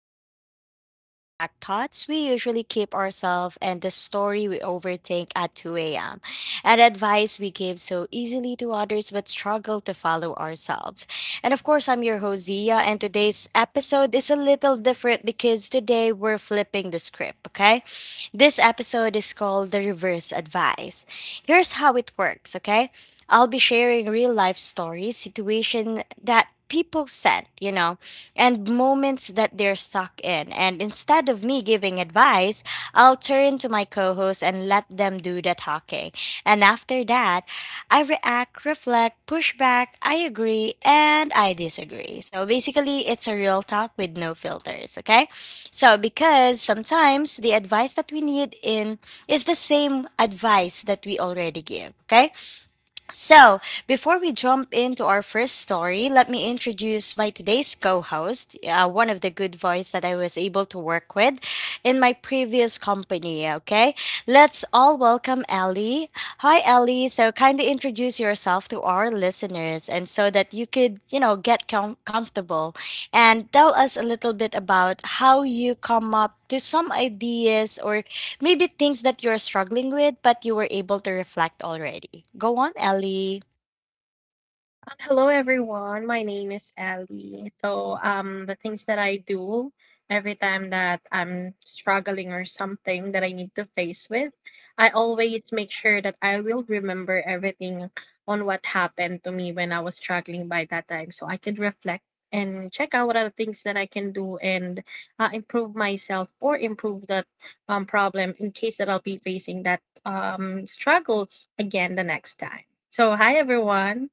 the space where we unpack thoughts we usually keep ourselves and the story we overthink at 2 a.m. and advice we give so easily to others but struggle to follow ourselves. And of course, I'm your host, Zia, and today's episode is a little different because today we're flipping the script, okay? This episode is called The Reverse Advice. Here's how it works, okay? I'll be sharing real life stories, situation that people sent, and moments that they're stuck in. And instead of me giving advice, I'll turn to my co-hosts and let them do the talking. And after that, I react, reflect, push back, I agree, and I disagree. So basically, it's a real talk with no filters, okay? So because sometimes the advice that we need in is the same advice that we already give, okay? So, before we jump into our first story, let me introduce my today's co host, one of the good voice that I was able to work with in my previous company. Okay, let's all welcome Ellie. Hi, Ellie. So, kindly introduce yourself to our listeners and so that you could, get comfortable and tell us a little bit about how you come up to some ideas or maybe things that you're struggling with, but you were able to reflect already. Go on, Ellie. Hello everyone. My name is Ellie. So, the things that I do every time that I'm struggling or something that I need to face with, I always make sure that I will remember everything on what happened to me when I was struggling by that time, so I could reflect and check out what are the things that I can do and improve myself or improve that problem in case that I'll be facing that struggles again the next time. So, hi everyone.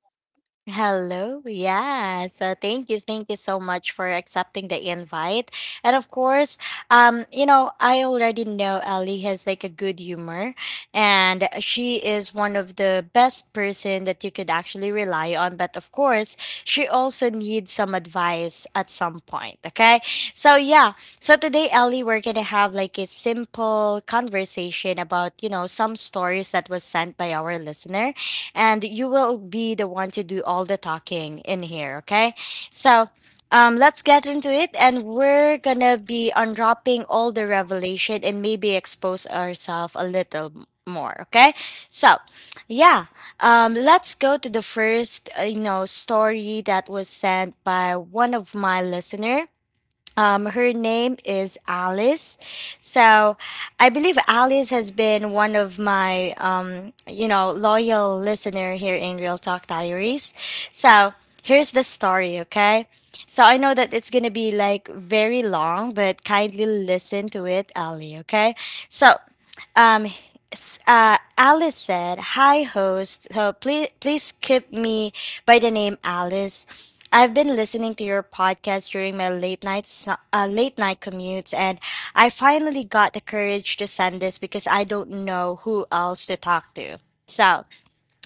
Hello. Yes. So thank you. Thank you so much for accepting the invite. And of course, I already know Ellie has like a good humor and she is one of the best person that you could actually rely on. But of course, she also needs some advice at some point. Okay. So yeah. So today, Ellie, we're gonna have like a simple conversation about, some stories that was sent by our listener and you will be the one to do all the talking in here. Okay. So let's get into it. And we're going to be unwrapping all the revelation and maybe expose ourselves a little more. Okay. So, yeah. Let's go to the first, story that was sent by one of my listener, her name is Alice. So I believe Alice has been one of my, loyal listener here in Real Talk Diaries. So here's the story, okay? So I know that it's going to be like very long, but kindly listen to it, Ali, okay? So um, Alice said, "Hi, host. So please, please keep me by the name Alice. I've been listening to your podcast during my late night late night commutes, and I finally got the courage to send this because I don't know who else to talk to. So."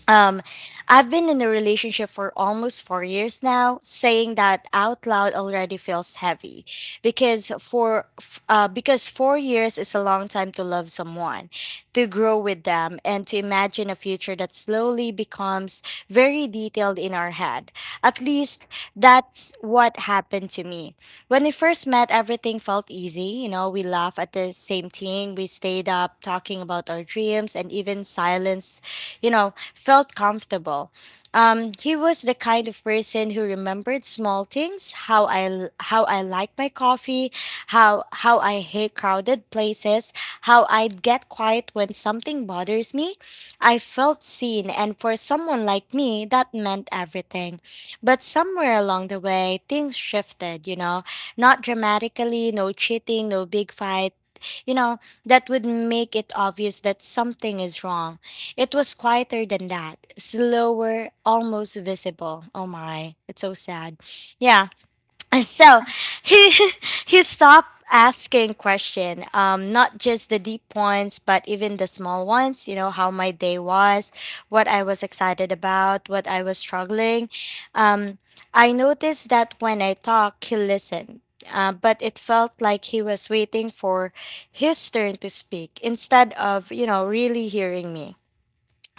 Um, I've been in a relationship for almost 4 years now. Saying that out loud already feels heavy, because because 4 years is a long time to love someone, to grow with them, and to imagine a future that slowly becomes very detailed in our head. At least that's what happened to me. When we first met, everything felt easy. You know, we laughed at the same thing, we stayed up talking about our dreams, and even silence felt comfortable. He was the kind of person who remembered small things, how I like my coffee, how I hate crowded places, how I'd get quiet when something bothers me. I felt seen, and for someone like me, that meant everything. But somewhere along the way, things shifted, not dramatically, no cheating, no big fight, you know, that would make it obvious that something is wrong. It was quieter than that, slower, almost visible. Oh my, it's so sad. Yeah. So he he stopped asking question. Not just the deep ones, but even the small ones, you know, how my day was, what I was excited about, what I was struggling. um I noticed that when I talk he listened, but it felt like he was waiting for his turn to speak instead of really hearing me.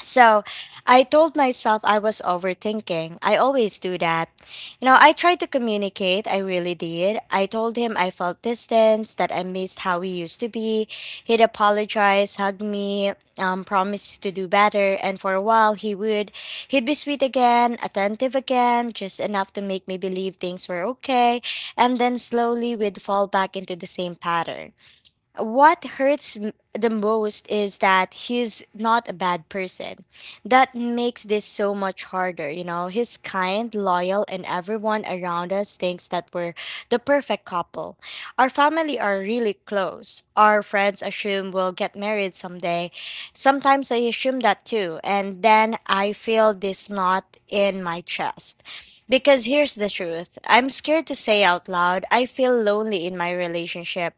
So I told myself I was overthinking. I always do that. You know, I tried to communicate, I really did. I told him I felt distance, that I missed how he used to be. He'd apologize, hug me, promise to do better, and for a while he would. He'd be sweet again, attentive again, just enough to make me believe things were okay, and then slowly we'd fall back into the same pattern. What hurts the most is that he's not a bad person. That makes this so much harder, you know. He's kind, loyal, and everyone around us thinks that we're the perfect couple. Our family are really close. Our friends assume we'll get married someday. Sometimes I assume that too, and then I feel this knot in my chest. Because here's the truth. I'm scared to say out loud. I feel lonely in my relationship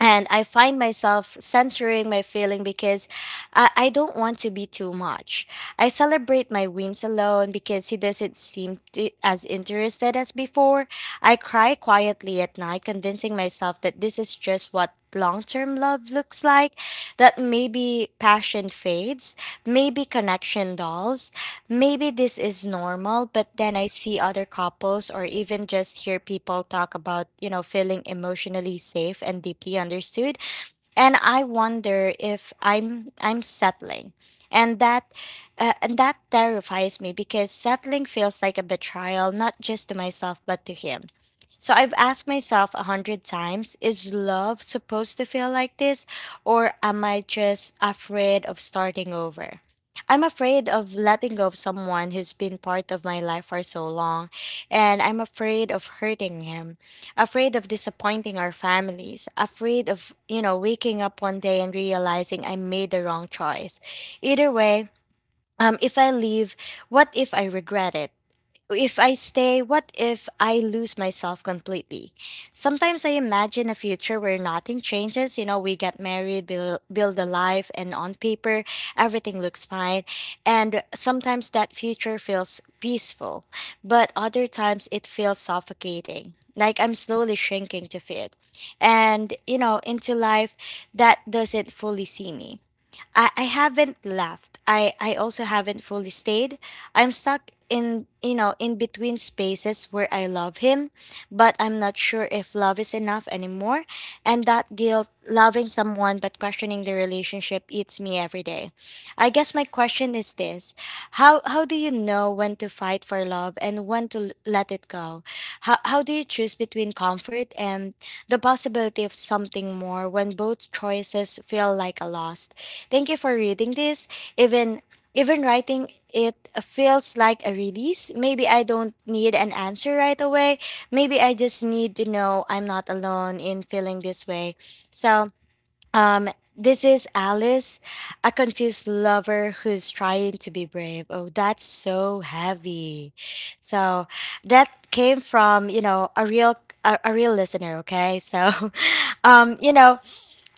and I find myself censoring my feeling because I don't want to be too much. I celebrate my wins alone because he doesn't seem as interested as before. I cry quietly at night, convincing myself that this is just what long term love looks like, that maybe passion fades, maybe connection dulls, maybe this is normal. But then I see other couples, or even just hear people talk about, feeling emotionally safe and deeply understood, and I wonder if I'm settling. And that terrifies me, because settling feels like a betrayal, not just to myself but to him. So I've asked myself a hundred times, is love supposed to feel like this, or am I just afraid of starting over? I'm afraid of letting go of someone who's been part of my life for so long, and I'm afraid of hurting him, afraid of disappointing our families, afraid of, waking up one day and realizing I made the wrong choice. Either way, if I leave, what if I regret it? If I stay, what if I lose myself completely? Sometimes I imagine a future where nothing changes. You know, we get married, build a life, and on paper, everything looks fine. And sometimes that future feels peaceful, but other times it feels suffocating. Like I'm slowly shrinking to fit. And, into life that doesn't fully see me. I haven't left. I also haven't fully stayed. I'm stuck in in between spaces where I love him, but I'm not sure if love is enough anymore. And that guilt, loving someone but questioning the relationship, eats me every day. I guess my question is this. How do you know when to fight for love, and when to let it go? How do you choose between comfort and the possibility of something more, when both choices feel like a loss? Thank you for reading this. Even even writing it feels like a release. Maybe I don't need an answer right away. Maybe I just need to know I'm not alone in feeling this way. So um, this is Alice, a confused lover who's trying to be brave. Oh, that's so heavy. So that came from, a real a real listener, okay? So um, you know,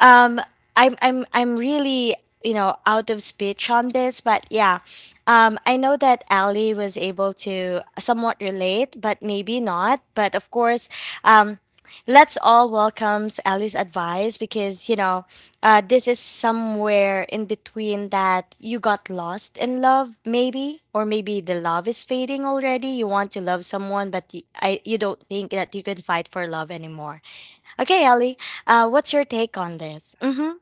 um I'm really out of speech on this, but yeah. I know that Ali was able to somewhat relate, but maybe not. But of course, um let's all welcome Ali's advice, because this is somewhere in between that you got lost in love, maybe, or maybe the love is fading already. You want to love someone, but you don't think that you can fight for love anymore. Okay, Ellie, what's your take on this? Mm-hmm.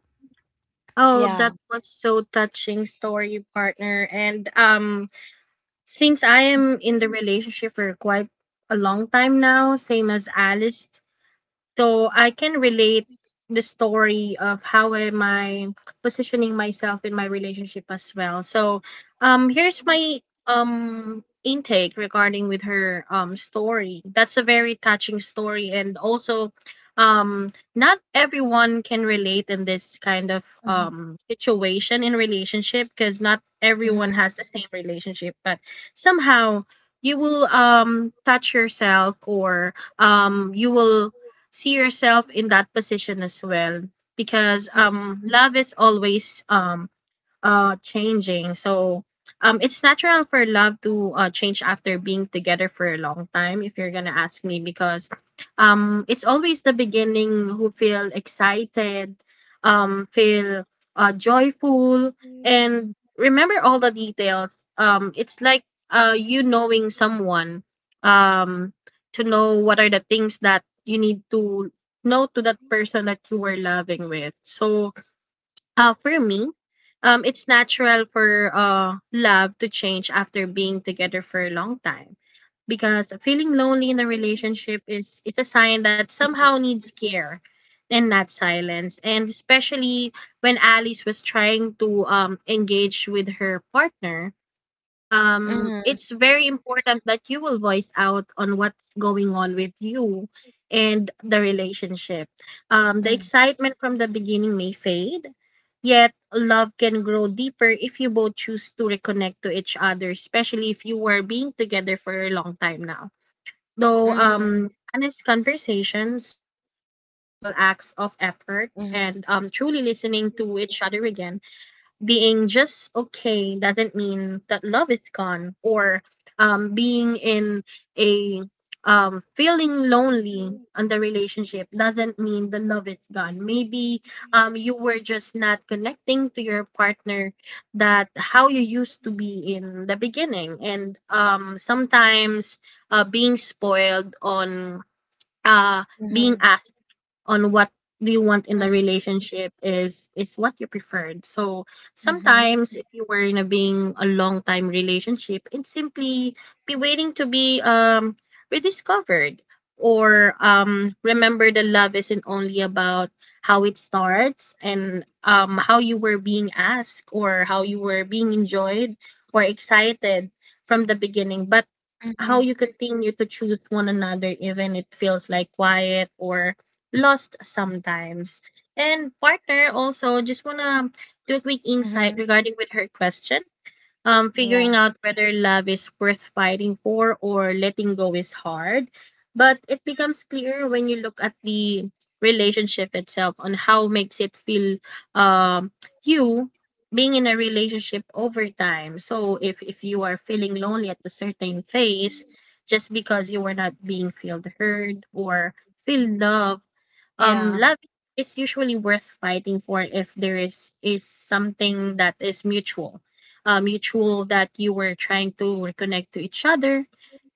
Oh, Yeah. that was so touching story, partner. And since I am in the relationship for quite a long time now, same as Alice, so I can relate the story of how am I positioning myself in my relationship as well. So, here's my intake regarding with her story. That's a very touching story and also, um not everyone can relate in this kind of Mm-hmm. Situation in relationship because not everyone Mm-hmm. has the same relationship, but somehow you will touch yourself or you will see yourself in that position as well because Mm-hmm. Love is always changing. So, it's natural for love to change after being together for a long time if you're going to ask me, because it's always the beginning who feel excited, feel joyful and remember all the details. It's like you knowing someone, um to know what are the things that you need to know to that person that you were loving with. So for me, it's natural for love to change after being together for a long time, because feeling lonely in a relationship is, it's a sign that somehow Mm-hmm. needs care and not silence. And especially when Alice was trying to engage with her partner, Mm-hmm. it's very important that you will voice out on what's going on with you and the relationship. Um, the Mm-hmm. excitement from the beginning may fade, yet love can grow deeper if you both choose to reconnect to each other, especially if you were being together for a long time now, though Mm-hmm. Honest conversation, small acts of effort, and truly Mm-hmm. listening to each other again. Being just okay doesn't mean that love is gone, or being in a feeling lonely on the relationship doesn't mean the love is gone. Maybe you were just not connecting to your partner that how you used to be in the beginning. And sometimes being spoiled on uh, being asked on what do you want in the relationship is what you preferred. So sometimes if you were in a being a long time relationship, it's simply be waiting to be rediscovered or remember the love isn't only about how it starts and how you were being asked or how you were being enjoyed or excited from the beginning, but how you continue to choose one another even it feels like quiet or lost sometimes. And partner also just wanna do a quick insight Mm-hmm. regarding with her question. Yeah. Figuring out whether love is worth fighting for or letting go is hard. But it becomes clear when you look at the relationship itself on how makes it feel, um you being in a relationship over time. So if you are feeling lonely at a certain phase, just because you were not being feel heard or feel loved, Yeah. love is usually worth fighting for if there is something that is mutual, mutual that you were trying to reconnect to each other,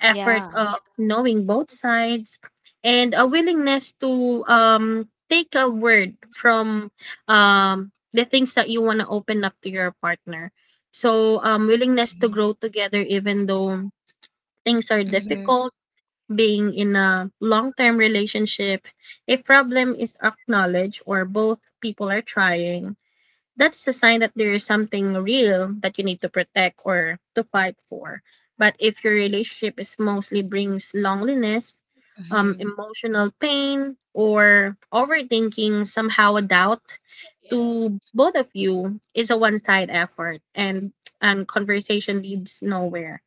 effort Yeah. of knowing both sides and a willingness to take a word from the things that you want to open up to your partner. So willingness to grow together even though things are Mm-hmm. difficult. Being in a long term relationship, if problem is acknowledged or both people are trying, that's a sign that there is something real that you need to protect or to fight for. But if your relationship is mostly brings loneliness, Mm-hmm. Emotional pain, or overthinking, somehow a doubt to both of you is a one side effort and conversation leads nowhere.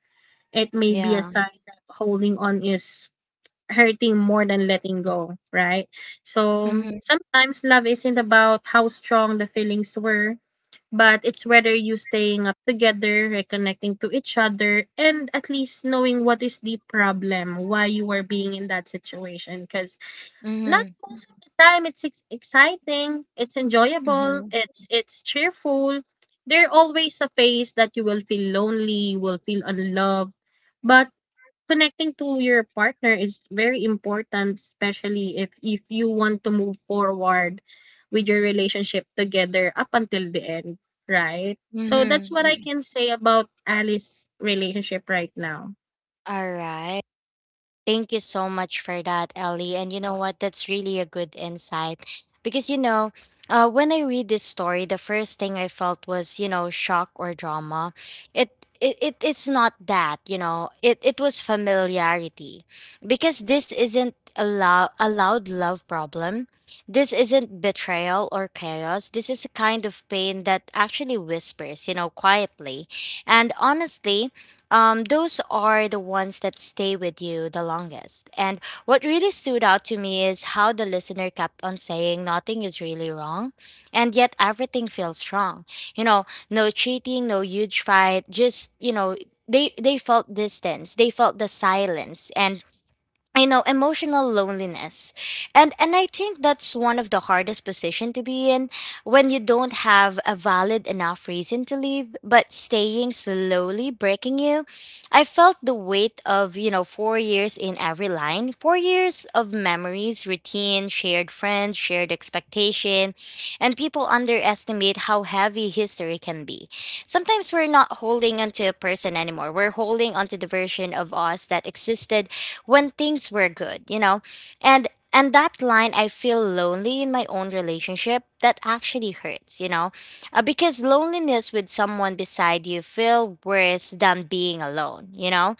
It may be a Yeah. sign that holding on is hurting more than letting go, right? So Mm-hmm. sometimes love isn't about how strong the feelings were, but it's whether you staying up together, reconnecting to each other, and at least knowing what is the problem, why you were being in that situation. Because Mm-hmm. not most of the time exciting, it's enjoyable, Mm-hmm. it's cheerful. There are always a phase that you will feel lonely, you will feel unloved. But connecting to your partner is very important, especially if you want to move forward with your relationship together up until the end, right? So that's what I Mm-hmm. can say about Alice's relationship right now. All right. Thank you so much for that, Ellie. And you know what? That's really a good insight. Because, when I read this story, the first thing I felt was, shock or drama. It's not that, it was familiarity. Because this isn't a loud love problem. This isn't betrayal or chaos. This is a kind of pain that actually whispers, quietly. And honestly, those are the ones that stay with you the longest. And what really stood out to me is how the listener kept on saying nothing is really wrong, and yet everything feels wrong. You know, no cheating, no huge fight, just, they felt distance, they felt the silence, and you know emotional loneliness and I think that's one of the hardest position to be in when you don't have a valid enough reason to leave but staying slowly breaking you. I felt the weight of 4 years in every line, 4 years of memories, routine, shared friends, shared expectation. And people underestimate how heavy history can be. Sometimes we're not holding onto a person anymore, we're holding onto the version of us that existed when things were good, you know? And and that line, I feel lonely in my own relationship, that actually hurts, you know? Because loneliness with someone beside you feel worse than being alone, you know?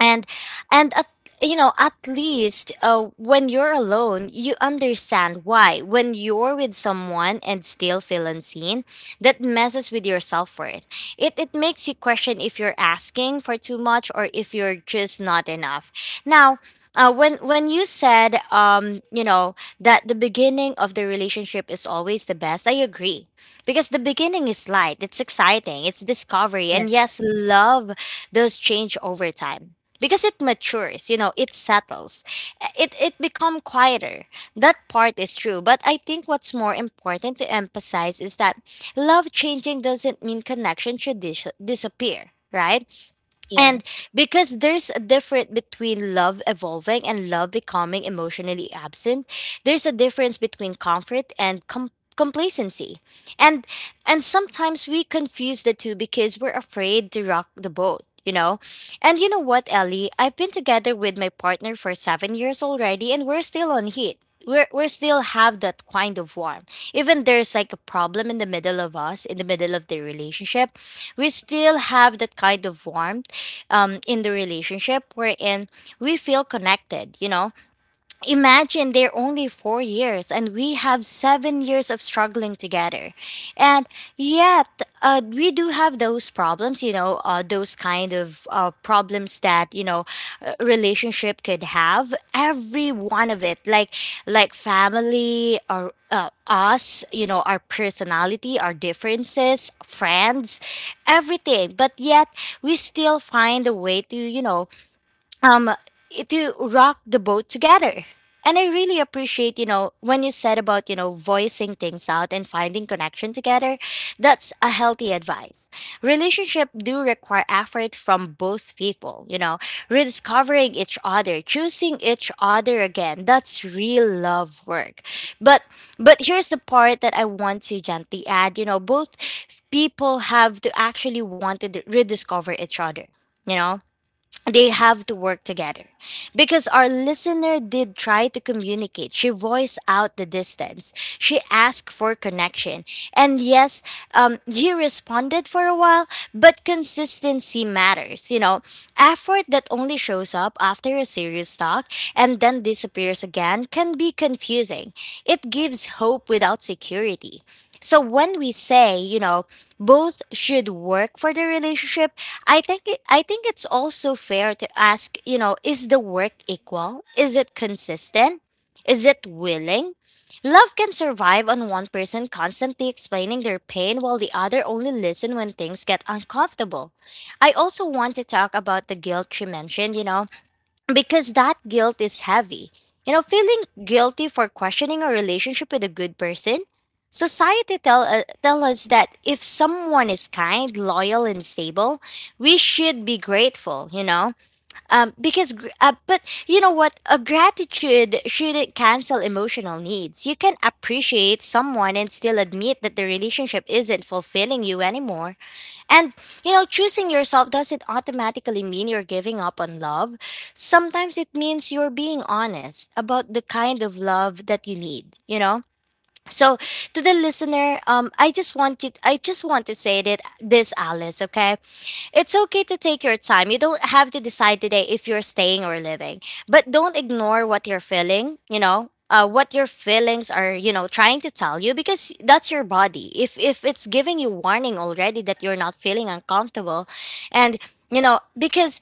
And and at At least when you're alone you understand why. When you're with someone and still feel unseen, that messes with your self-worth. It makes you question if you're asking for too much or if you're just not enough. Now, when you said that the beginning of the relationship is always the best, I agree, because the beginning is light, it's exciting, it's discovery, Yeah, and yes, love does change over time because it matures, you know, it settles. It become quieter. That part is true, but I think what's more important to emphasize is that love changing doesn't mean connection should disappear, right? And yes, because there's a difference between love evolving and love becoming emotionally absent, there's a difference between comfort and complacency. And and sometimes we confuse the two because we're afraid to rock the boat, you know? And you know what, Ellie? I've been together with my partner for 7 years already and we're still on heat. We're still have that kind of warmth. Even there's like a problem in the middle of us, in the middle of the relationship, we still have that kind of warmth in the relationship wherein we feel connected, you know. Imagine they're only 4 years and we have 7 years of struggling together. And yet, we do have those problems, you know, those kind of problems that, you know, a relationship could have. Every one of it, like family or us, you know, our personality, our differences, friends, everything. But yet, we still find a way to, you know, um to rock the boat together. And I really appreciate, you know, when you said about, you know, voicing things out and finding connection together. That's a healthy advice. Relationship do require effort from both people, you know, rediscovering each other, choosing each other again. That's real love work. but but here's the part that I want to gently add, you know, both people have to actually want to rediscover each other. You know, they have to work together. Because our listener did try to communicate, she voiced out the distance, she asked for connection. And yes, he responded for a while, but consistency matters, you know. Effort that only shows up after a serious talk and then disappears again can be confusing. It gives hope without security. So when we say, you know, both should work for the relationship, I think it's also fair to ask, you know, is the work equal? Is it consistent? Is it willing? Love can survive on one person constantly explaining their pain while the other only listen when things get uncomfortable. I also want to talk about the guilt she mentioned, you know, because that guilt is heavy. You know, feeling guilty for questioning a relationship with a good person. Society tell tell us that if someone is kind, loyal, and stable, we should be grateful. You know, but you know what, a gratitude shouldn't cancel emotional needs. You can appreciate someone and still admit that the relationship isn't fulfilling you anymore. And, you know, choosing yourself doesn't automatically mean you're giving up on love. Sometimes it means you're being honest about the kind of love that you need, you know? So to the listener, I just want to say that this Alice, okay? It's okay to take your time. You don't have to decide today if you're staying or living. But don't ignore what you're feeling, you know? What your feelings are, you know, trying to tell you, because that's your body. If it's giving you warning already that you're not feeling uncomfortable. And you know, because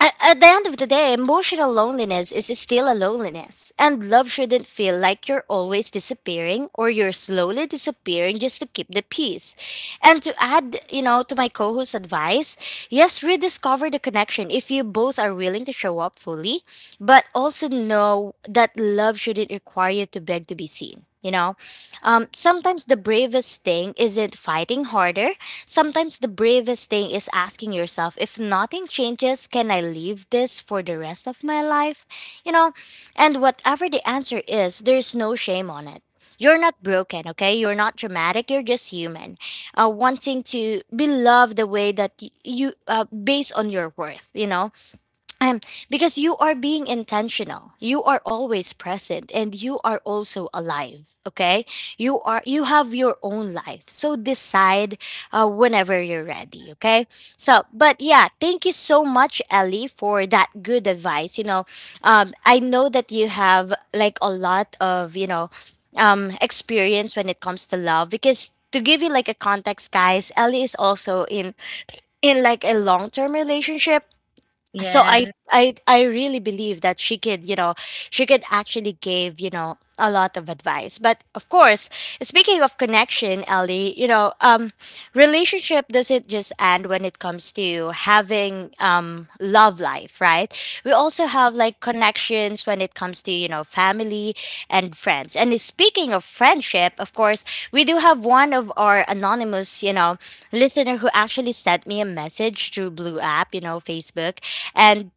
at the end of the day, emotional loneliness is still a loneliness, and love shouldn't feel like you're always disappearing or you're slowly disappearing just to keep the peace. And to add, you know, to my co host's advice, yes, rediscover the connection if you both are willing to show up fully, but also know that love shouldn't require you to beg to be seen. You know, sometimes the bravest thing isn't fighting harder. Sometimes the bravest thing is asking yourself, if nothing changes, can I leave this for the rest of my life? You know, and whatever the answer is, there's no shame on it. You're not broken, okay? You're not dramatic. You're just human, wanting to be loved the way that based on your worth. You know, um, because you are being intentional. You are always present and you are also alive, okay? You have your own life. So decide whenever you're ready, okay? So, but yeah, thank you so much Ellie for that good advice. You know, I know that you have like a lot of, you know, experience when it comes to love. Because to give you like a context guys, Ellie is also in like a long-term relationship, so I yes. I I really believe that she could, you know, she could actually give, you know, a lot of advice. But of course, speaking of connection, Ellie, you know, relationship doesn't just end when it comes to having love life life, right? We also have like connections when it comes to, you know, family and friends. And speaking of friendship, of course, we do have one of our anonymous, you know, listener who actually sent me a message through Blue app, you know, Facebook. And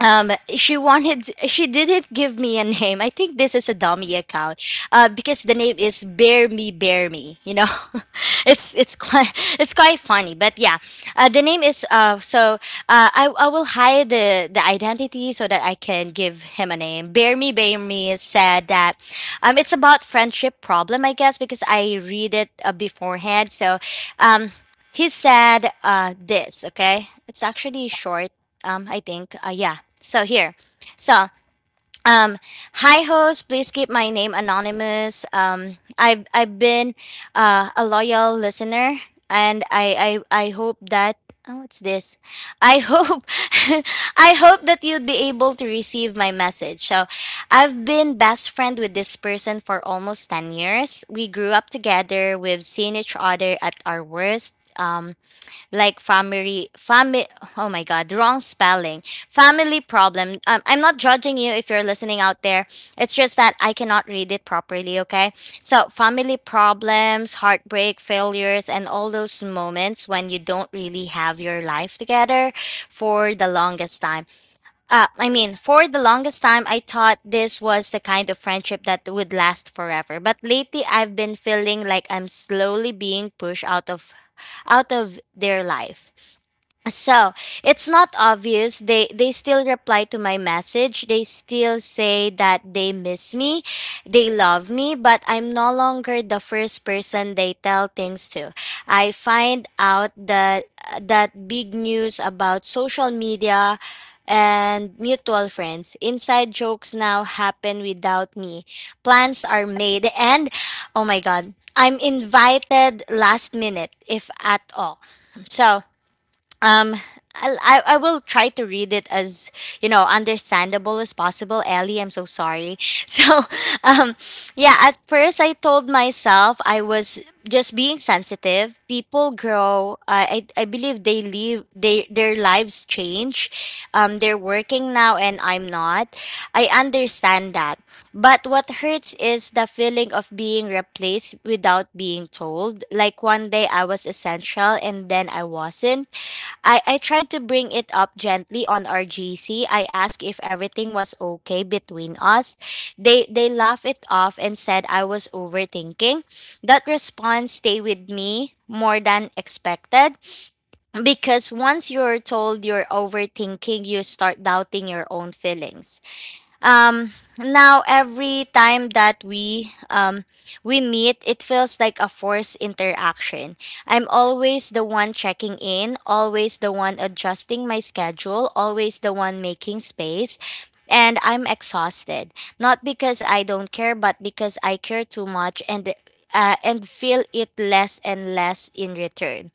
she didn't give me a name. I think this is a dummy account, because the name is bear me bear me, you know. It's quite it's quite funny. But yeah, the name is so I will hide the identity so that I can give him a name. Bear me bear me said that it's about friendship problem, I guess, because I read it beforehand. So um he said, this, okay? It's actually short, i think. Yeah. So here. So, um, hi host, please keep my name anonymous. I've been a loyal listener, and I hope that. Oh, what's this? I hope I hope that you'd be able to receive my message. So, I've been best friend with this person for almost 10 years. We grew up together. We've seen each other at our worst. Like family, oh my god, wrong spelling, family problem. I'm not judging you if you're listening out there, it's just that I cannot read it properly, okay? So family problems, heartbreak, failures, and all those moments when you don't really have your life together for the longest time. For the longest time, I thought this was the kind of friendship that would last forever. But lately, I've been feeling like I'm slowly being pushed out of their life. So it's not obvious. They still reply to my message. They still say that they miss me, they love me, but I'm no longer the first person they tell things to. I find out that that big news about social media and mutual friends. Inside jokes now happen without me. Plans are made and, oh my god, I'm invited last minute if at all. So um, I'll- I will try to read it as you know understandable as possible. Ellie, I'm so sorry. So, um, yeah. At first, I told myself I was just being sensitive. People grow. I believe they live. They their lives change. They're working now, and I'm not. I understand that. But what hurts is the feeling of being replaced without being told. Like one day I was essential and then I wasn't. I tried to bring it up gently on our GC. I asked if everything was okay between us. They laughed it off and said I was overthinking. That response stayed with me more than expected, because once you're told you're overthinking, you start doubting your own feelings. Um, now every time that we meet, it feels like a forced interaction. I'm always the one checking in, always the one adjusting my schedule, always the one making space. And I'm exhausted, not because I don't care, but because I care too much and feel it less and less in return.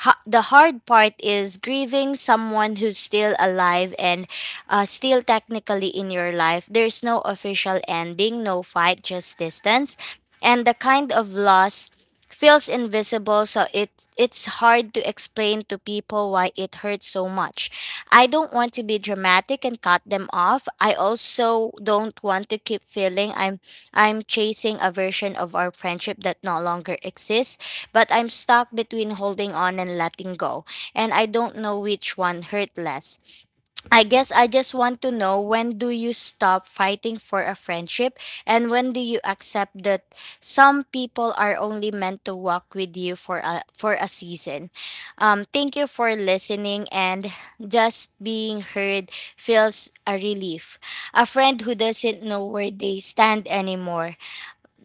The hard part is grieving someone who's still alive and still technically in your life. There's no official ending, no fight, just distance. And the kind of loss feels invisible, so it's hard to explain to people why it hurts so much. I don't want to be dramatic and cut them off. I also don't want to keep feeling I'm chasing a version of our friendship that no longer exists, but I'm stuck between holding on and letting go, and I don't know which one hurt less. I guess I just want to know, when do you stop fighting for a friendship and when do you accept that some people are only meant to walk with you for a season. Thank you for listening, and just being heard feels a relief. A friend who doesn't know where they stand anymore.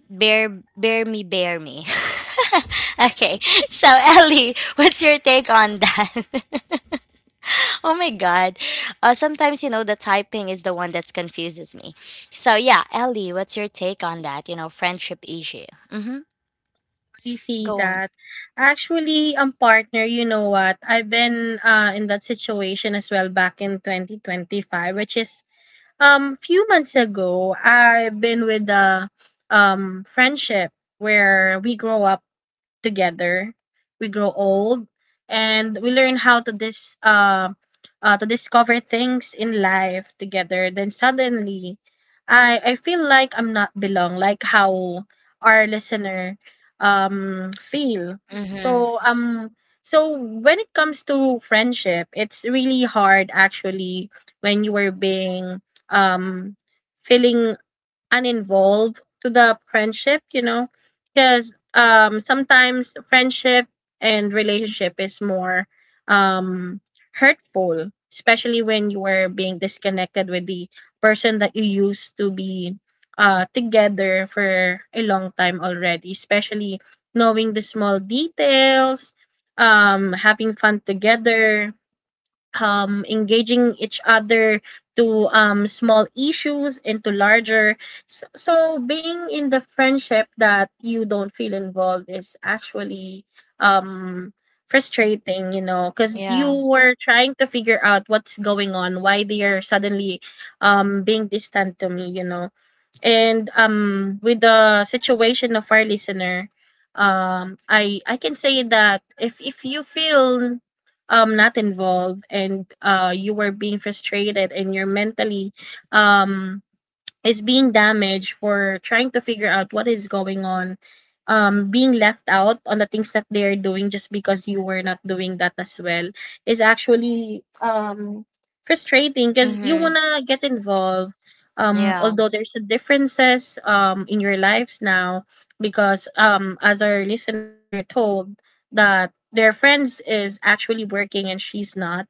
Bear me. Okay. So Ellie, what's your take on that? Oh my God. Sometimes, you know, the typing is the one that confuses me. So, yeah, Ellie, what's your take on that? You know, friendship issue. Mm-hmm. I see Go on. that. Actually, partner, you know what? I've been in that situation as well back in 2025, which is, few months ago. I've been with a friendship where we grow up together. We grow old and we learn how to discover things in life together. Then suddenly, I feel like I'm not belong, like how our listener feel. Mm-hmm. So so when it comes to friendship, it's really hard actually when you are being um feeling and involved to the friendship, you know, because sometimes friendship and relationship is more um, hurtful, especially when you are being disconnected with the person that you used to be together for a long time already, especially knowing the small details, having fun together, engaging each other to small issues into larger. So, being in the friendship that you don't feel involved is actually um, frustrating, you know, because you Yeah. were trying to figure out what's going on, why they are suddenly being distant to me, you know. And with the situation of our listener, I can say that if you feel not involved, and you were being frustrated and you're mentally um is being damaged for trying to figure out what is going on, being left out on the things that they are doing just because you were not doing that as well is actually frustrating because you Mm-hmm. wanna get involved. Yeah. Although there's a differences in your lives now, because as our listener told that their friends is actually working and she's not,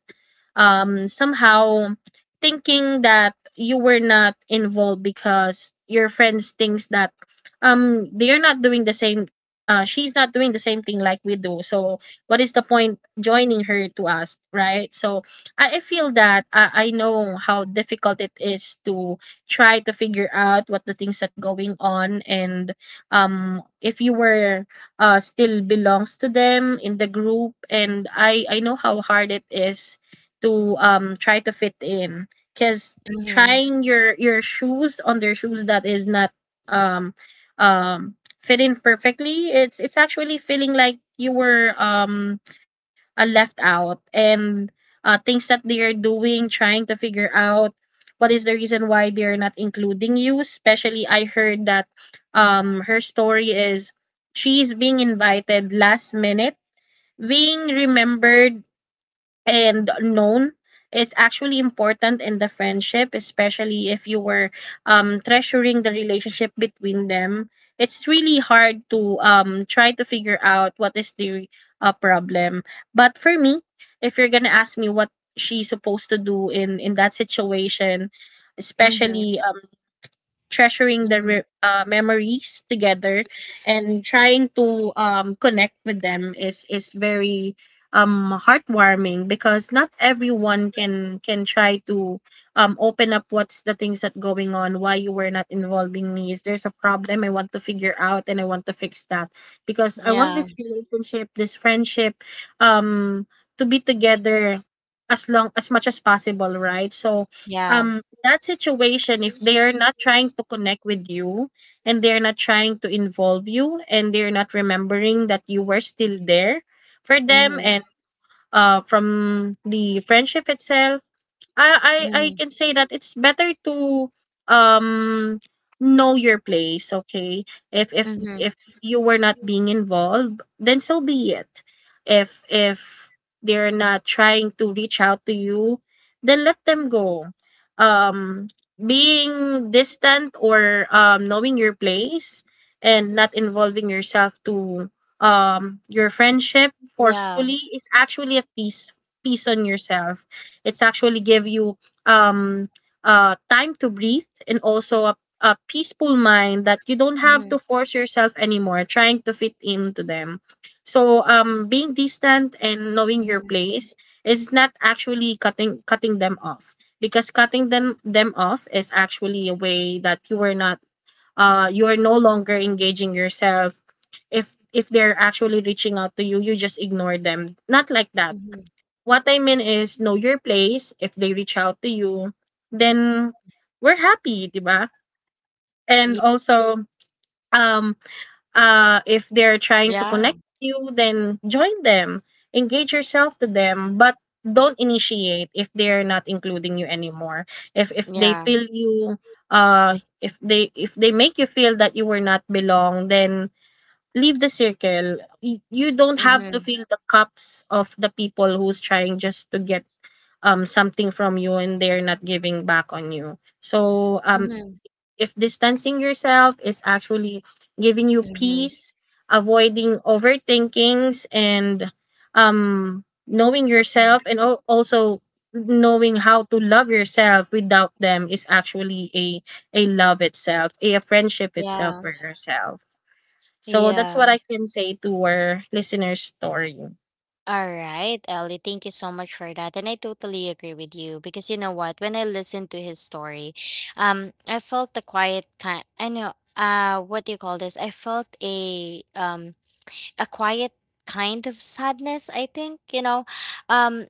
somehow thinking that you were not involved because your friends thinks that they're not doing the same she's not doing the same thing like we do. So what is the point joining her to us, right? So I feel that I know how difficult it is to try to figure out what the things that going on, and if you were still belongs to them in the group. And I know how hard it is to try to fit in, because Mm-hmm. trying your shoes on their shoes that is not um um fit in perfectly, it's actually feeling like you were left out. And things that they are doing, trying to figure out what is the reason why they're not including you, especially I heard that her story is she's being invited last minute. Being remembered and known, it's actually important in the friendship, especially if you were treasuring the relationship between them. It's really hard to try to figure out what is the problem. But for me, if you're gonna ask me what she's supposed to do in that situation, Mm-hmm. especially treasuring the Mm-hmm. re- uh, memories together and trying to connect with them is very heartwarming, because not everyone can try to open up what's the things that going on, why you were not involving me, is there's a problem I want to figure out and I want to fix that, because I want Yeah. this relationship, this friendship, um to be together as long as much as possible, right? So Yeah. That situation, if they are not trying to connect with you and they're not trying to involve you and they're not remembering that you were still there for them, Mm-hmm. and from the friendship itself, I Mm-hmm. can say that it's better to um know your place, okay? If if Mm-hmm. if you were not being involved, then so be it. If they're not trying to reach out to you, then let them go. Um Being distant or knowing your place and not involving yourself to your friendship Yeah. forcefully is actually a piece on yourself. It's actually give you um time to breathe and also a peaceful mind that you don't have to Mm-hmm. force yourself anymore trying to fit into them. So being distant and knowing your place is not actually cutting them off, because cutting them off is actually a way that you are not you are no longer engaging yourself. If they're actually reaching out to you, you just ignore them, not like that. What I mean is, know your place. If they reach out to you, then we're happy, 'di ba? And also um if they're trying to Yeah. connect you, then join them. Engage yourself to them, but don't initiate if they're not including you anymore. If they Yeah. feel you if they make you feel that you were not belong, then leave the circle. You don't have to Mm-hmm. fill the cups of the people who's trying just to get something from you and they're not giving back on you. So Mm-hmm. if distancing yourself is actually giving you Mm-hmm. peace, avoiding overthinkings and knowing yourself and also knowing how to love yourself without them is actually a love itself, a friendship itself Yeah. for yourself. So that's what Yeah. I can say to our listener's story. All right, Ellie, thank you so much for that. And I totally agree with you, because you know what? When I listened to his story, I felt the quiet kind, I know, uh, what do you call this? I felt a quiet kind of sadness, I think, you know. Um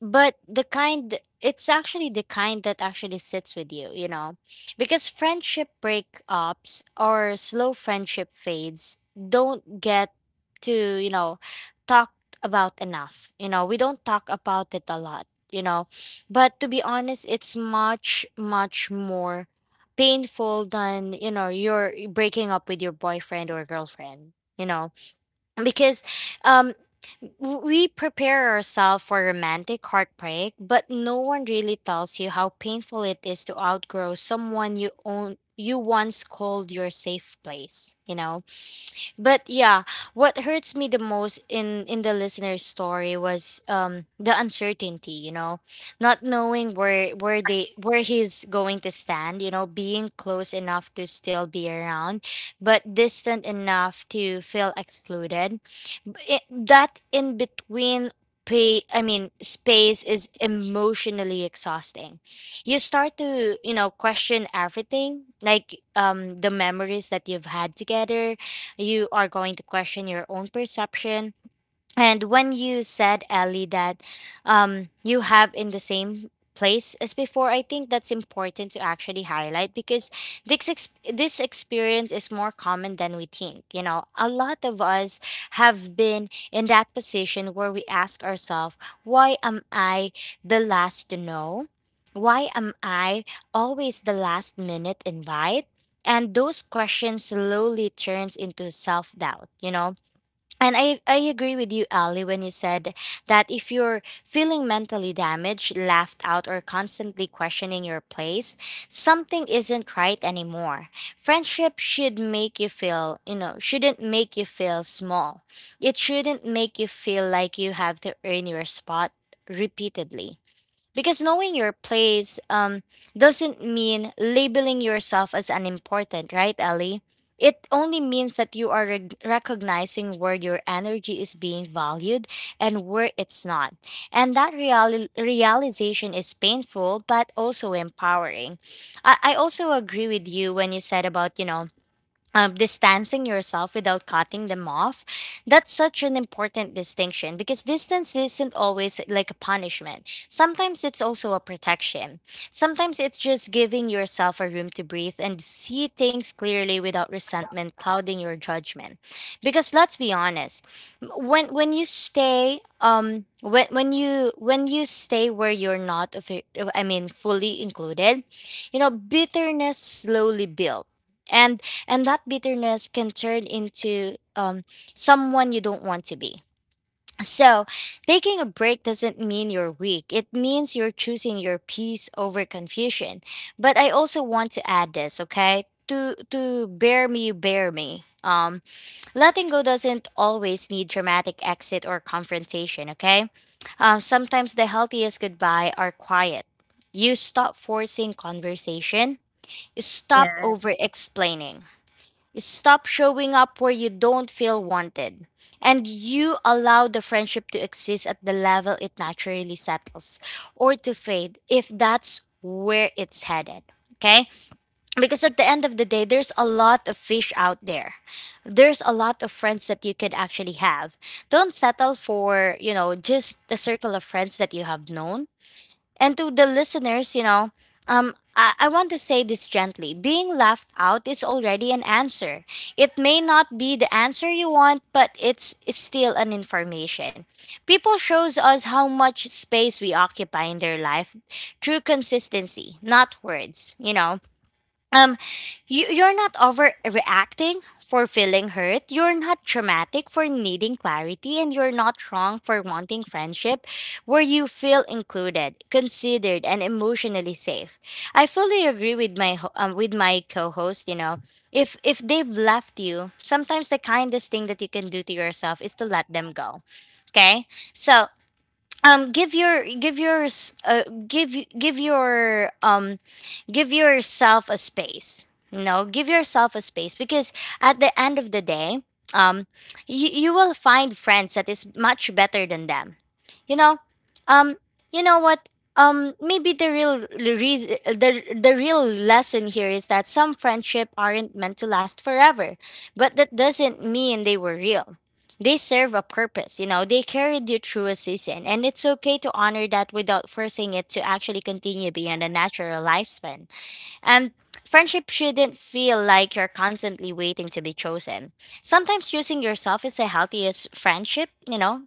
but the kind, it's actually the kind that actually sits with you, you know, because friendship breakups or slow friendship fades don't get to, you know, talked about enough, you know, we don't talk about it a lot, you know, but to be honest, it's much much more painful than, you know, you're breaking up with your boyfriend or girlfriend, you know, because um we prepare ourselves for romantic heartbreak, but no one really tells you how painful it is to outgrow someone you own you once called your safe place, you know. But yeah, what hurts me the most in the listener's story was the uncertainty, you know, not knowing where they where he's going to stand, you know, being close enough to still be around, but distant enough to feel excluded. That in between pay I mean space is emotionally exhausting. You start to, you know, question everything, like the memories that you've had together, you are going to question your own perception. And when you said, Ellie, that you have in the same place as before, I think that's important to actually highlight, because this experience is more common than we think. You know, a lot of us have been in that position where we ask ourselves, why am I the last to know? Why am I always the last minute invite? And those questions slowly turns into self-doubt, you know? And I agree with you, Ali, when you said that if you're feeling mentally damaged, laughed out, or constantly questioning your place, something isn't right anymore. Friendship should make you feel, you know, shouldn't make you feel small. It shouldn't make you feel like you have to earn your spot repeatedly. Because knowing your place, doesn't mean labeling yourself as unimportant, right, Ellie? It only means that you are recognizing where your energy is being valued and where it's not. And that realization is painful, but also empowering. I also agree with you when you said about, you know, of distancing yourself without cutting them off. That's such an important distinction, because distance isn't always like a punishment. Sometimes it's also a protection. Sometimes it's just giving yourself a room to breathe and see things clearly without resentment clouding your judgment. Because let's be honest, when you stay, when you stay where you're not fully included, you know, bitterness slowly builds, and and that bitterness can turn into someone you don't want to be. So, taking a break doesn't mean you're weak. It means you're choosing your peace over confusion. But I also want to add this, okay? To bear me, bear me. Letting go doesn't always need dramatic exit or confrontation, okay? Sometimes the healthiest goodbye are quiet. You stop forcing conversation, stop Yeah, over explaining. Stop showing up where you don't feel wanted. And you allow the friendship to exist at the level it naturally settles, or to fade if that's where it's headed. Okay? Because at the end of the day, there's a lot of fish out there. There's a lot of friends that you could actually have. Don't settle for, you know, just the circle of friends that you have known. And to the listeners, you know, I want to say this gently. Being laughed out is already an answer. It may not be the answer you want, but it's still an information. People shows us how much space we occupy in their life through consistency, not words, you know. um you're not overreacting for feeling hurt, you're not dramatic for needing clarity, and you're not wrong for wanting friendship where you feel included, considered, and emotionally safe. I fully agree with my with my co-host, you know. If they've left you, sometimes the kindest thing that you can do to yourself is to let them go. Okay? So, give your give yours give y- give your give yourself a space. No Give yourself a space, because at the end of the day, um you will find friends that is much better than them, you know. um you know what? Um maybe the real the reason the, the real lesson here is that some friendship aren't meant to last forever, but that doesn't mean they were real. They serve a purpose, you know, they carried you through a season, and it's okay to honor that without forcing it to actually continue beyond a natural lifespan. And friendship shouldn't feel like you're constantly waiting to be chosen. Sometimes choosing yourself is the healthiest friendship, you know,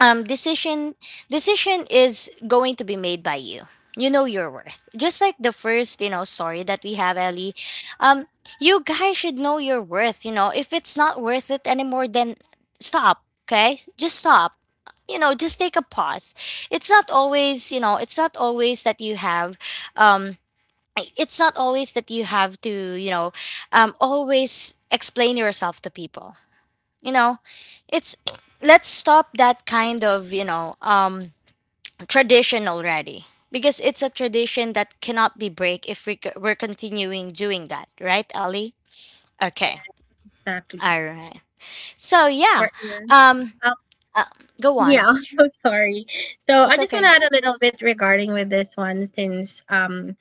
um decision decision is going to be made by you. You know your worth, just like the first, you know, story that we have, Ellie. um you guys should know your worth, you know. If it's not worth it anymore, then stop. Okay, just stop, you know, just take a pause. It's not always, you know, it's not always that you have, um it's not always that you have to, you know, always explain yourself to people, you know. It's Let's stop that kind of, you know, tradition already, because it's a tradition that cannot be break if we're continuing doing that, right, Ali? yeah, Okay. exactly. All right. So yeah, Or um yeah. uh, go on. Yeah, so sorry. So I just want to add a little bit regarding with this one, since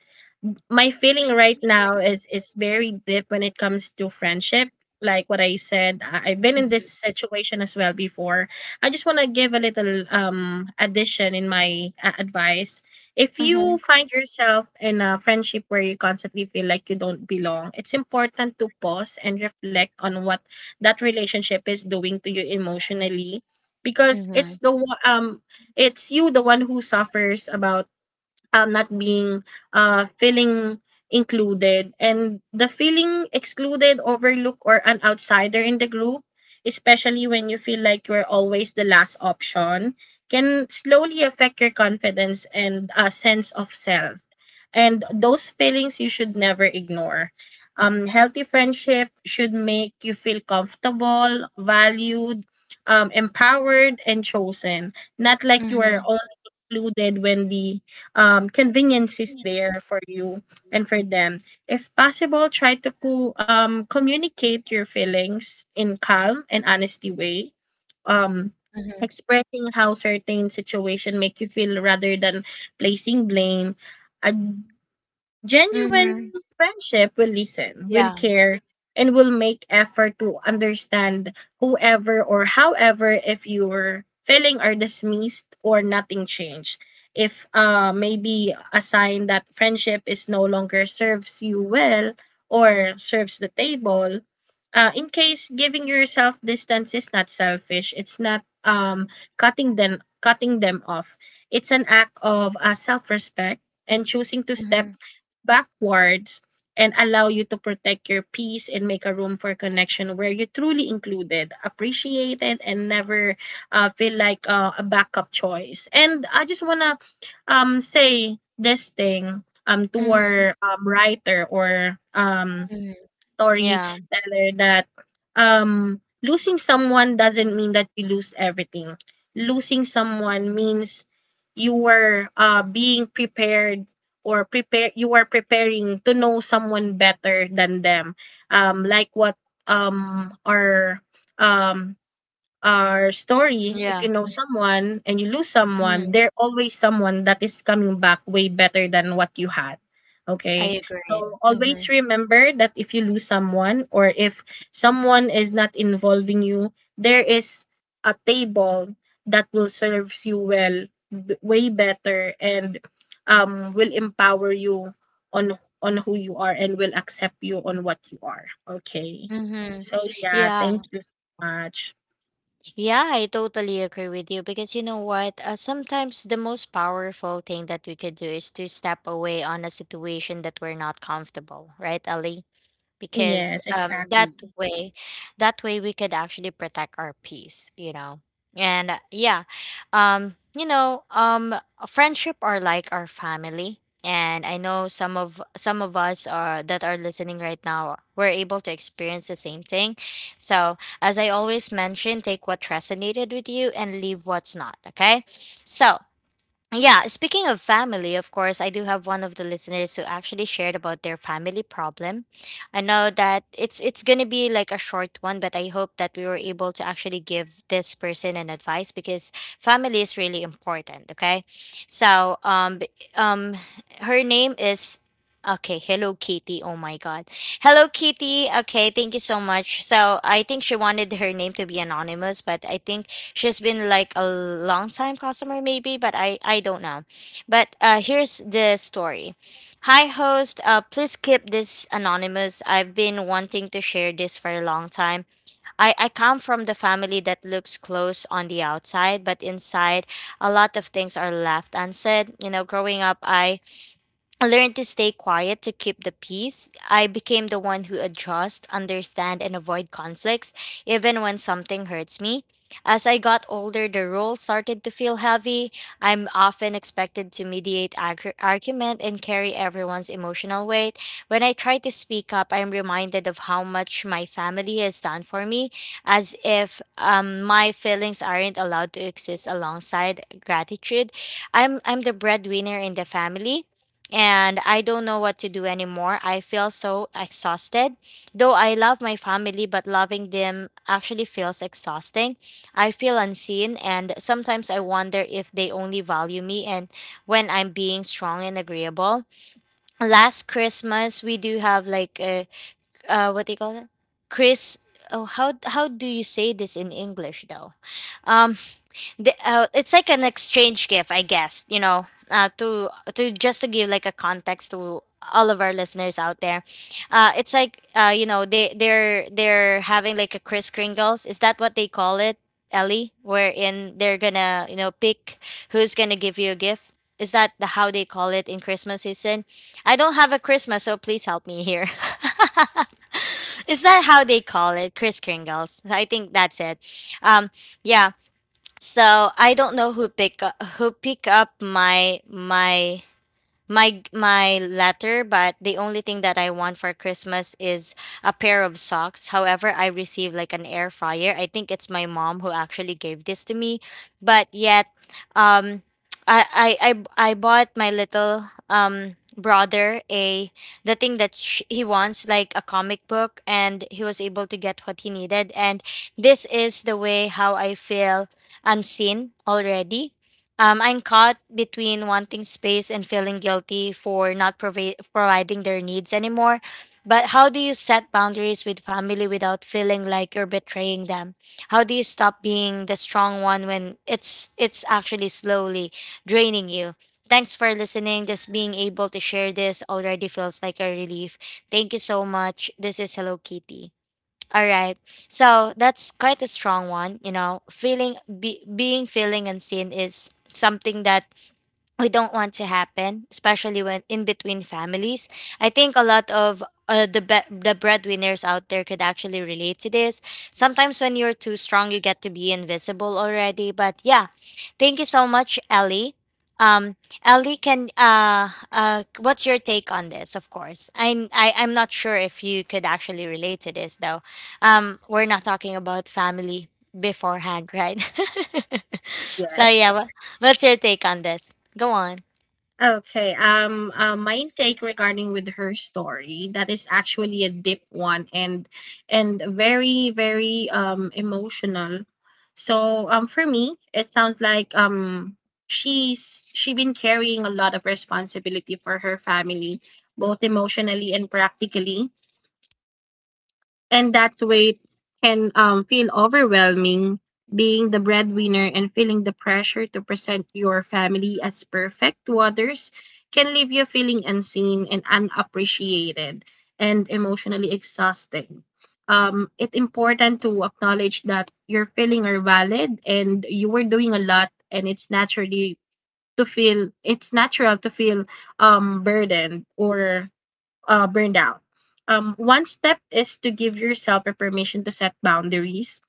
my feeling right now is very deep when it comes to friendship. Like what I said, I've been in Mm-hmm. this situation as well before. I just want to give a little addition in my advice. If Mm-hmm. you find yourself in a friendship where you constantly feel like you don't belong, it's important to pause and reflect on what that relationship is doing to you emotionally, because Mm-hmm. it's it's you the one who suffers about not being feeling included, and the feeling excluded, overlooked, or an outsider in the group, especially when you feel like you're always the last option, can slowly affect your confidence and a sense of self. And those feelings you should never ignore. Healthy friendship should make you feel comfortable, valued, empowered, and chosen. Not like you are Mm-hmm. only included when the convenience is there for you and for them. If possible, try to communicate your feelings in calm and honesty way. Um, Mm-hmm. expressing how certain situation make you feel rather than placing blame. Mm-hmm. Genuine friendship will listen, will Yeah. care, and will make effort to understand. Whoever or however, if you're feeling are dismissed or nothing changed. If Maybe a sign that friendship is no longer serves you well or serves the table. Uh, in case giving yourself distance is not selfish, it's not cutting them off. It's an act of self-respect and choosing to step Mm-hmm. backwards and allow you to protect your peace and make a room for connection where you're truly included, appreciated, and never feel like a backup choice. And I just want to say this thing to Mm-hmm. our writer or Hmm. Yeah. storyteller that losing someone doesn't mean that you lose everything. Losing someone means you were being prepared or prepare you are preparing to know someone better than them. Um, like what um our um our story, if Yeah. you know someone and you lose someone, Mm-hmm. there always someone that is coming back way better than what you had. I Okay. agree. So Mm-hmm. always remember that if you lose someone, or if someone is not involving you, there is a table that will serves you well, way better, and will empower you on who you are and will accept you on what you are. Okay. Mm-hmm. So yeah, Yeah. thank you so much. Yeah, I totally agree with you, because you know what? Sometimes the most powerful thing that we could do is to step away on a situation that we're not comfortable, right, Ali? Because Yes, um, exactly. that way, that way we could actually protect our peace, you know. And yeah, you know, friendship are like our family, and I know some of us are that are listening right now were able to experience the same thing. So as I always mention, take what resonated with you and leave what's not, okay? So yeah, speaking of family, of course, I do have one of the listeners who actually shared about their family problem. I know that it's going to be like a short one, but I hope that we were able to actually give this person an advice, because family is really important, okay? So, um her name is. Okay, Hello Kitty. Oh my god. Hello Kitty. Okay, thank you so much. So, I think she wanted her name to be anonymous, but I think she's been like a long time customer, maybe, but I don't know. But uh, here's the story. Hi host, uh, please keep this anonymous. I've been wanting to share this for a long time. I come from the family that looks close on the outside, but inside a lot of things are left unsaid, you know. Growing up, I learned to stay quiet to keep the peace. I became the one who adjust, understand, and avoid conflicts, even when something hurts me. As I got older, the role started to feel heavy. I'm often expected to mediate argument and carry everyone's emotional weight. When I try to speak up, I'm reminded of how much my family has done for me, as if my feelings aren't allowed to exist alongside gratitude. I'm the breadwinner in the family and I don't know what to do anymore. I feel so exhausted. Though I love my family, but loving them actually feels exhausting. I feel unseen, and sometimes I wonder if they only value me and when I'm being strong and agreeable. Last Christmas, we do have like a what do you call it? Chris. Oh, how do you say this in English though? Um, the, it's like an exchange gift, I guess. To just to give like a context to all of our listeners out there, it's like they're having like a Kris Kringles. Is that what they call it, Ellie? Wherein they're gonna pick who's gonna give you a gift. Is that the, how they call it in Christmas season? I don't have a Christmas, so please help me here. Is that how they call it, Kris Kringles? I think that's it. Um, yeah. So I don't know who pick up my letter, but the only thing that I want for Christmas is a pair of socks. However, I received like an air fryer. I think it's my mom who actually gave this to me, but yet, um I bought my little brother a the thing that sh- he wants like a comic book, and he was able to get what he needed. And this is the way how I feel unseen already. I'm caught between wanting space and feeling guilty for not providing their needs anymore. But how do you set boundaries with family without feeling like you're betraying them? How do you stop being the strong one when it's actually slowly draining you? Thanks for listening. Just being able to share this already feels like a relief. Thank you so much. This is Hello Kitty. All right. So that's quite a strong one, you know. Feeling be, being feeling unseen is something that we don't want to happen, especially when in between families. I think a lot of the breadwinners out there could actually relate to this. Sometimes when you're too strong, you get to be invisible already. But yeah, thank you so much, Ellie. Um, Ellie, can what's your take on this? Of course, I'm I am not sure if you could actually relate to this though. We're not talking about family beforehand, right? So Yes. yeah, what's your take on this? Go on. Okay. My take regarding with her story that is actually a deep one and very very emotional. So for me it sounds like she's she been carrying a lot of responsibility for her family, both emotionally and practically. And that weight can feel overwhelming. Being the breadwinner and feeling the pressure to present your family as perfect to others can leave you feeling unseen and unappreciated and emotionally exhausting. It's important to acknowledge that your feelings are valid and you were doing a lot, and it's naturally to feel, it's natural to feel burdened or burned out. One step is to give yourself a permission to set boundaries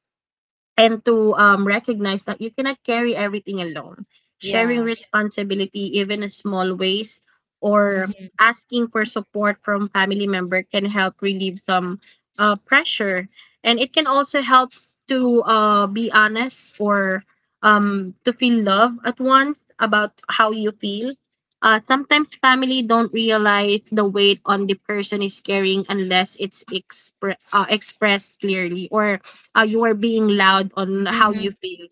and to recognize that you cannot carry everything alone. Sharing Yeah. responsibility, even in small ways, or Mm-hmm. asking for support from family member can help relieve some pressure, and it can also help to be honest or to feel love at once about how you feel. Sometimes family don't realize the weight on the person is carrying unless it's expressed clearly or you are being loud on how you Mm-hmm. feel.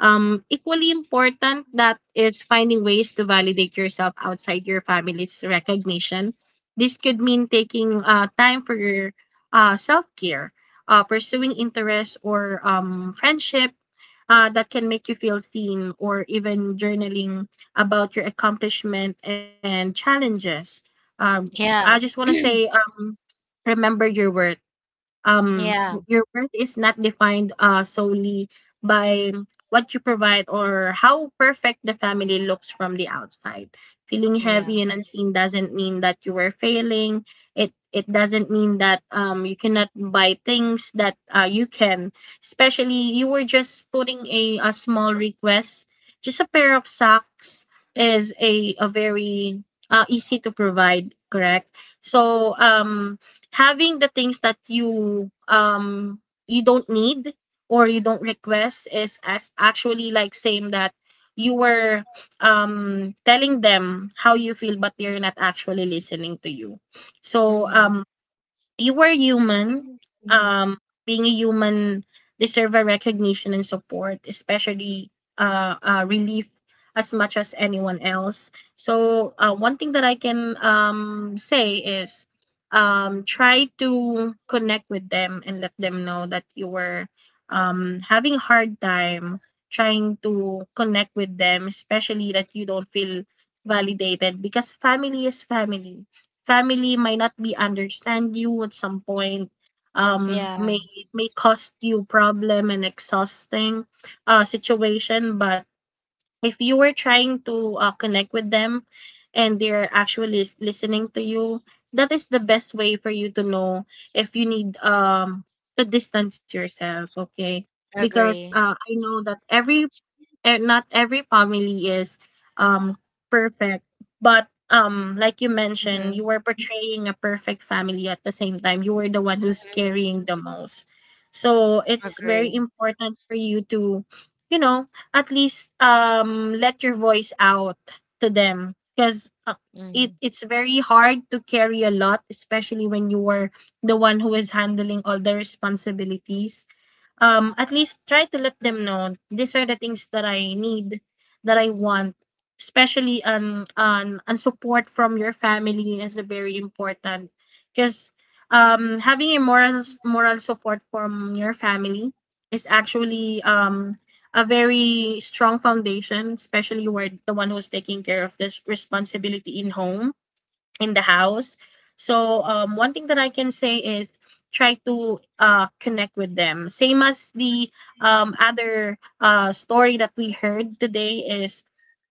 Equally important that is finding ways to validate yourself outside your family's recognition. This could mean taking time for your self care, pursuing interests or friendship that can make you feel seen, or even journaling about your accomplishment and challenges. Um, I just Yeah. want to say, remember your worth. um Yeah. your worth is not defined solely by what you provide or how perfect the family looks from the outside. Feeling Yeah. heavy and unseen doesn't mean that you were failing. It doesn't mean that you cannot buy things that you can, especially you were just putting a small request, just a pair of socks is a very easy to provide, correct? So having the things that you you don't need or you don't request is as actually like same that you were telling them how you feel but they're not actually listening to you. So Mm-hmm. You were human. Mm-hmm. Um, being a human deserve a recognition and support, especially relief, as much as anyone else. So one thing that I can say is try to connect with them and let them know that you were having a hard time trying to connect with them, especially that you don't feel validated, because family is family. Family might not be understand you at some point. um Yeah. may may cost you problem and exhausting situation. But if you were trying to connect with them and they're actually listening to you, that is the best way for you to know if you need to distance yourself. Okay? Because Agree. I know that every, and not every family is um perfect. But like you mentioned, you Mm-hmm. were portraying a perfect family, at the same time you were the one who's carrying the most. So it's very Agree. important for you to, you know, at least let your voice out to them, because it, Mm-hmm. it's very hard to carry a lot, especially when you were the one who is handling all the responsibilities. Um, at least try to let them know these are the things that I need, that I want, especially on support from your family is very important, because having a moral support from your family is actually a very strong foundation, especially you are the one who's taking care of this responsibility in home, in the house. So one thing that I can say is, try to connect with them. Same as the other story that we heard today is,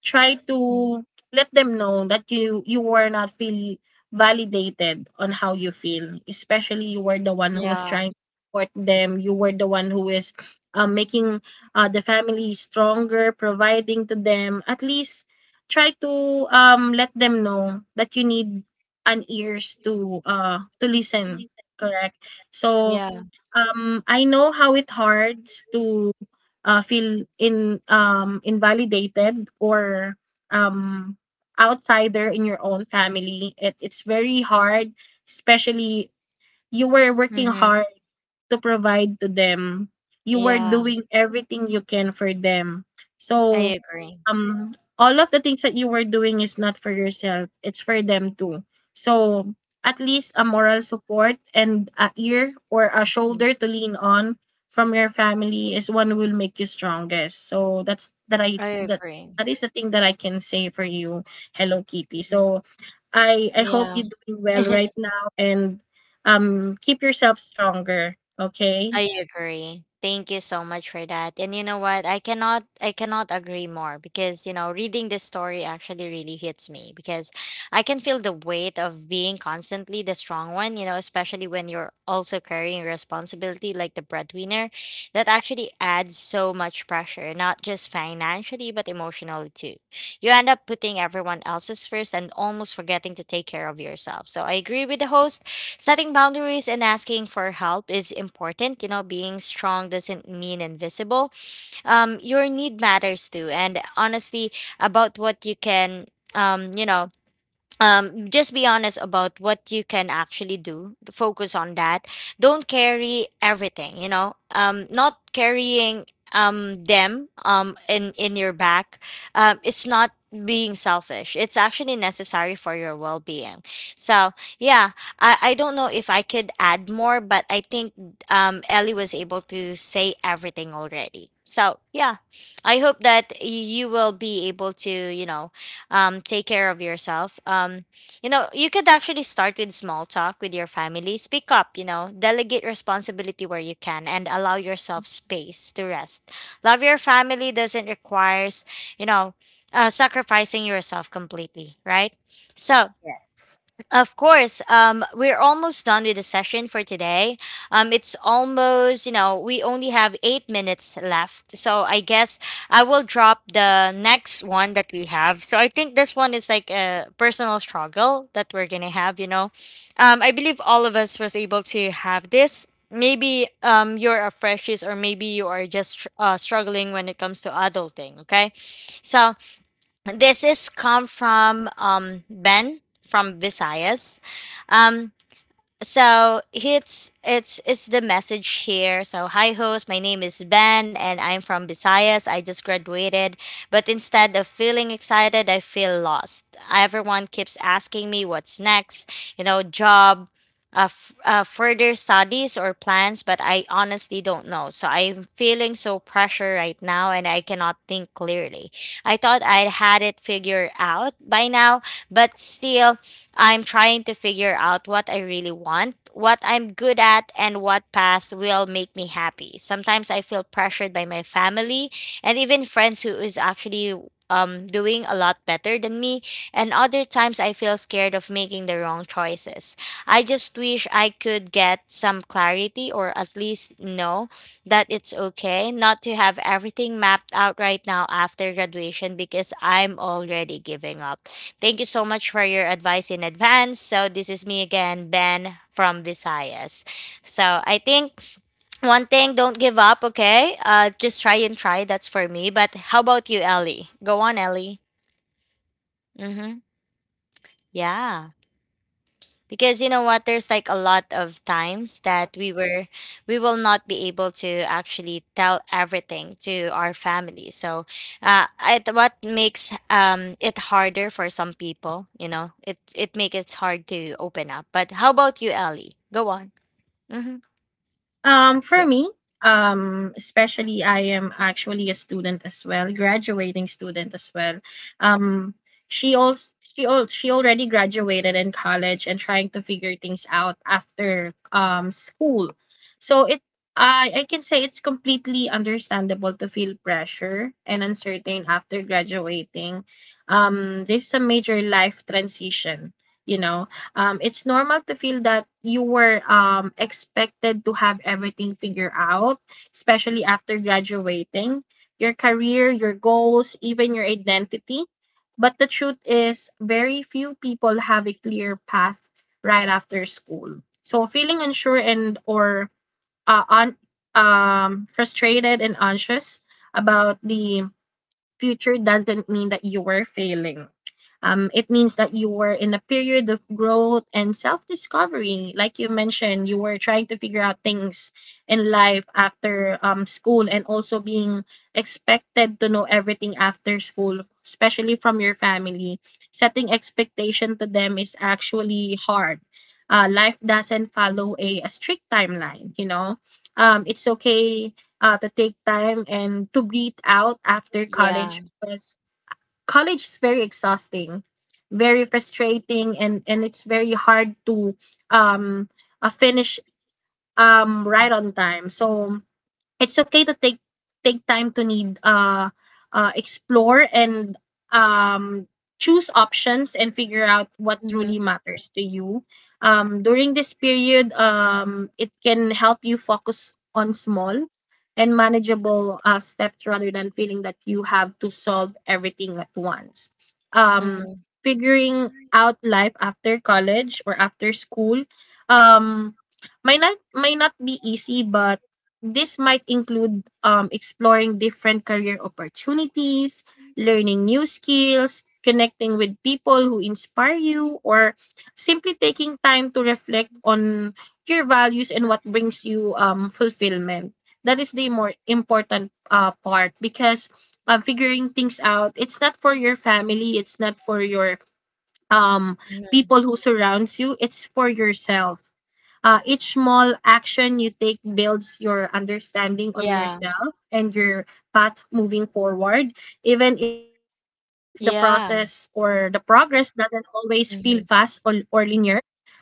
try to let them know that you were not really validated on how you feel. Especially you were the one who's Yeah. trying to support them. You were the one who is making the family stronger, providing to them. At least try to let them know that you need an ears to listen, correct? So Yeah. I know how it hard to feel in invalidated or um outsider in your own family. It, it's very hard, especially you were working Mm-hmm. hard to provide to them. You were Yeah. doing everything you can for them. So, I agree. All of the things that you were doing is not for yourself, it's for them too. So, at least a moral support and a ear or a Mm, shoulder to lean on from your family is one will make you strongest. So that's that I I that agree. that is the thing that I can say for you, Hello Kitty. Mhm. So I hope Yeah. you're doing well right now and keep yourself stronger. Okay. I agree. Thank you so much for that. And you know what? I cannot agree more, because you know, reading this story actually really hits me, because I can feel the weight of being constantly the strong one, you know, especially when you're also carrying responsibility like the breadwinner. That actually adds so much pressure, not just financially but emotionally too. You end up putting everyone else's first and almost forgetting to take care of yourself. So I agree with the host. Setting boundaries and asking for help is important. You know, being strong doesn't mean invisible. Your need matters too. And honestly, about what you can, you know, just be honest about what you can actually do. Focus on that. Don't carry everything. You know, not carrying them in your back. It's not being selfish. It's actually necessary for your well being. So yeah, I don't know if I could add more, but I think Ellie was able to say everything already. So yeah, I hope that you will be able to you know take care of yourself. You know, you could actually start with small talk with your family. Speak up, you know, delegate responsibility where you can, and allow yourself space to rest. Love your family doesn't requires, you know, sacrificing yourself completely, right? So, Yes. of course. We're almost done with the session for today. It's almost, you know, we only have 8 minutes left. So I guess I will drop the next one that we have. So I think this one is like a personal struggle that we're gonna have, you know. I believe all of us was able to have this. Maybe you're a freshies, or maybe you are just struggling when it comes to adulting. Okay, so this is come from Ben from Visayas. Um, so it's the message here. So, hi host, my name is Ben and I'm from Visayas. I just graduated, but instead of feeling excited, I feel lost. Everyone keeps asking me what's next, you know, job, further studies or plans, but I honestly don't know, so I'm feeling so pressure right now and I cannot think clearly. I thought I had it figured out by now, but still, I'm trying to figure out what I really want, what I'm good at, and what path will make me happy. Sometimes I feel pressured by my family and even friends who is actually doing a lot better than me, and other times I feel scared of making the wrong choices. I just wish I could get some clarity, or at least know that it's okay not to have everything mapped out right now after graduation, because I'm already giving up. Thank you so much for your advice in advance. So this is me again, Ben from Visayas. So I think one thing, don't give up, okay? Just try and try. That's for me. But how about you, Ellie? Go on, Ellie. Mm-hmm. Yeah. Because you know what, there's like a lot of times that we will not be able to actually tell everything to our family. So it, what makes it harder for some people, you know, it makes it hard to open up. But how about you, Ellie? Go on. Mm-hmm. For Yeah. me, especially I am actually a student as well, graduating student as well. Um, she also she already graduated in college and trying to figure things out after school. So it I can say it's completely understandable to feel pressure and uncertain after graduating. This is a major life transition, you know it's normal to feel that you were expected to have everything figured out, especially after graduating, your career, your goals, even your identity. But the truth is, very few people have a clear path right after school. So feeling unsure and or uh, un, frustrated and anxious about the future doesn't mean that you were failing. It means that you were in a period of growth and self discovery. Like you mentioned, you were trying to figure out things in life after school and also being expected to know everything after school, especially from your family. Setting expectation to them is actually hard. Life doesn't follow a strict timeline, It's okay to take time and to breathe out after Yeah. college because college is very exhausting, very frustrating, and it's very hard to um finish right on time. So it's okay to take time to need explore and um choose options and figure out what truly Mm-hmm. matters to you during this period. It can help you focus on small and manageable steps rather than feeling that you have to solve everything at once. um Mm-hmm. Figuring out life after college or after school, um might not be easy, but this might include exploring different career opportunities, learning new skills, connecting with people who inspire you, or simply taking time to reflect on your values and what brings you fulfillment. That is the more important part because figuring things out, it's not for your family, it's not for your um, Mm-hmm. people who surrounds you, it's for yourself. Each small action you take builds your understanding on Yeah. yourself and your path moving forward, even if the process or the Yeah. progress doesn't always feel fast or, Mm-hmm. Linear. But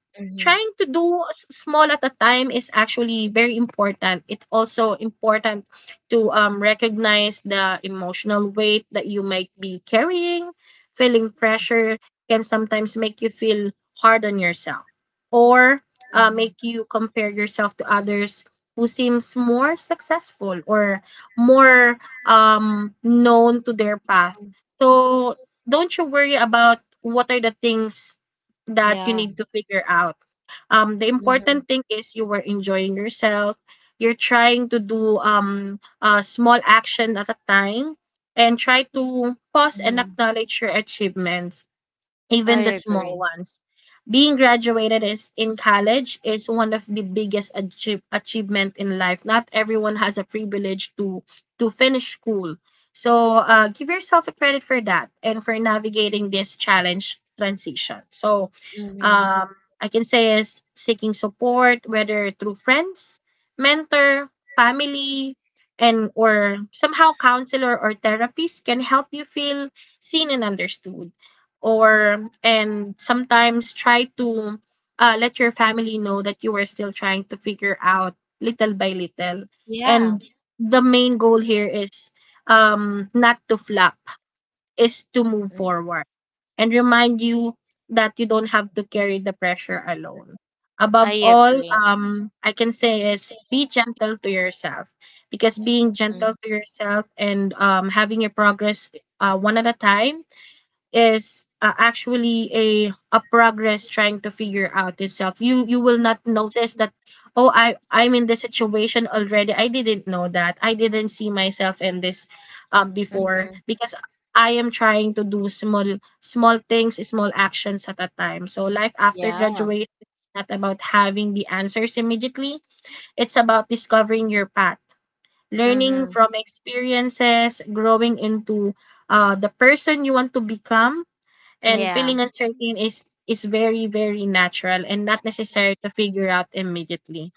trying to Mm-hmm. do small at a time is actually very important. It's also important to recognize the emotional weight that you might be carrying. Feeling pressure can sometimes make you feel hard on yourself, or Mm-hmm. make you compare yourself to others who seems more successful or more known to their path. So don't you worry about what are the things that you Yeah. need to figure out. The Mm-hmm. important thing is you were enjoying yourself. You're trying to do a small action at a time and try to pause and Mm-hmm. acknowledge your achievements, I even the small agree. ones. Being graduated is in college is one of the biggest achievement in life. Not everyone has a privilege to finish school. So give yourself a credit for that and for navigating this challenge transition. So Mm-hmm. I can say is seeking support, whether through friends, mentor, family, and or somehow counselor or therapist can help you feel seen and understood, or and sometimes try to let your family know that you are still trying to figure out little by little, Yeah. and the main goal here is not to flop, is to move Mm. forward and remind you that you don't have to carry the pressure alone. Above I all, agree. I can say is be gentle to yourself, because being gentle to yourself and having your progress one at a time is actually a progress trying to figure out itself. You will not notice that, oh, I'm in this situation already. I didn't know that. I didn't see myself in this before, Mhm. because I am trying to do small things, small actions at a time. So life after Yeah. graduation is not about having the answers immediately. It's about discovering your path, learning Mhm. from experiences, growing into the person you want to become, and Yeah. feeling uncertain is very very natural and not necessary to figure out immediately.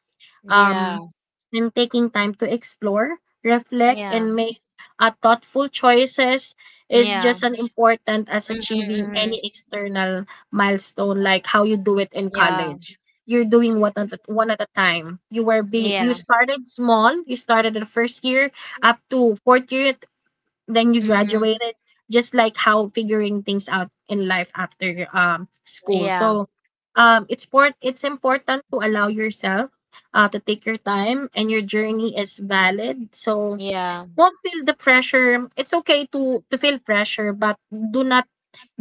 Um, Yeah. and taking time to explore, reflect, Yeah. and make a thoughtful choices is Yeah. just as important as Mhm. achieving any Mhm. external milestone, like how you do it in Yeah. college. You're doing what one at a time. You were be You Yeah. started small. You started the first year up to fourth year, then you Mhm. graduated, just like how figuring things out in life after school. Yeah. So it's important to allow yourself to take your time, and your journey is valid. So Yeah. don't feel the pressure. It's okay to feel pressure, but do not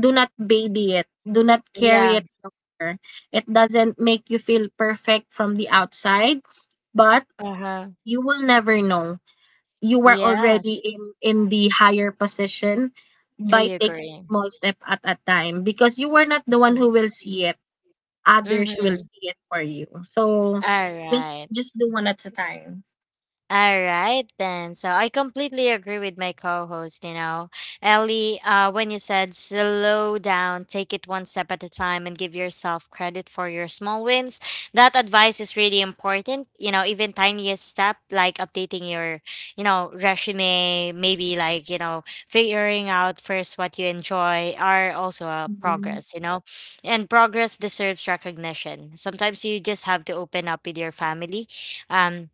do not baby it, do not carry Yeah. it longer. It doesn't make you feel perfect from the outside, but Uh-huh. you will never know, you were Yes. already in the higher position I by taking agree. small step at a time, because you were not the one Mhm. who will see it. Others will Mhm. see it for you. So All just right. just do one at a time. All right, then. So I completely agree with my co host, you know. Ellie, when you said slow down, take it one step at a time, and give yourself credit for your small wins, that advice is really important. You know, even tiniest step like updating your, you know, resume, maybe like, you know, figuring out first what you enjoy are also a Mhm. progress, you know. And progress deserves recognition. Sometimes you just have to open up with your family. Um,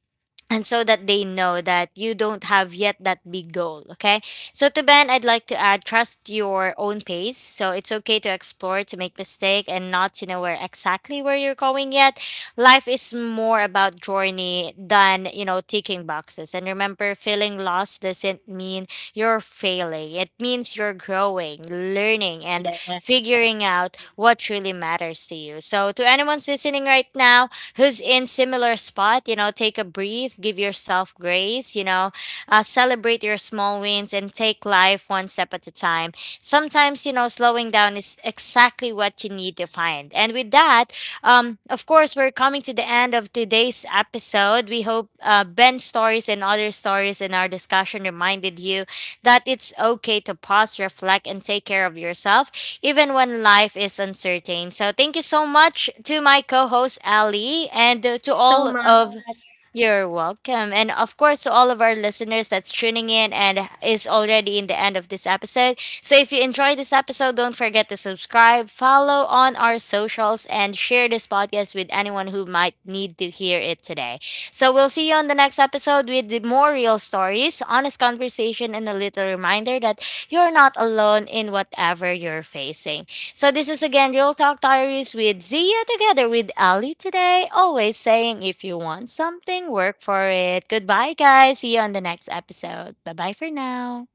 and so that they know that you don't have yet that big goal. Okay, so to Ben, I'd like to add, trust your own pace. So it's okay to explore, to make mistake and not to know where exactly where you're going yet. Life is more about journey than, you know, ticking boxes. And remember, feeling lost doesn't mean you're failing. It means you're growing, learning, and Yes, figuring out thank what truly matters to you. So to anyone's listening right now who's in similar spot, you know, take a breath, give yourself grace, you know, celebrate your small wins and take life one step at a time. Sometimes, you know, slowing down is exactly what you need to find. And with that, of course, we're coming to the end of today's episode. We hope Ben's stories and other stories in our discussion reminded you that it's okay to pause, reflect, and take care of yourself even when life is uncertain. So thank you so much to my co host, Ali, and to you so all of much. you're welcome. And of course, to all of our listeners that's tuning in and is already in the end of this episode. So if you enjoyed this episode, don't forget to subscribe, follow on our socials, and share this podcast with anyone who might need to hear it today. So we'll see you on the next episode with the more real stories, honest conversation, and a little reminder that you're not alone in whatever you're facing. So this is again Real Talk Diaries with Zia, together with Ali today. Always saying, if you want something, work for it. Goodbye, guys. See you on the next episode. Bye bye for now.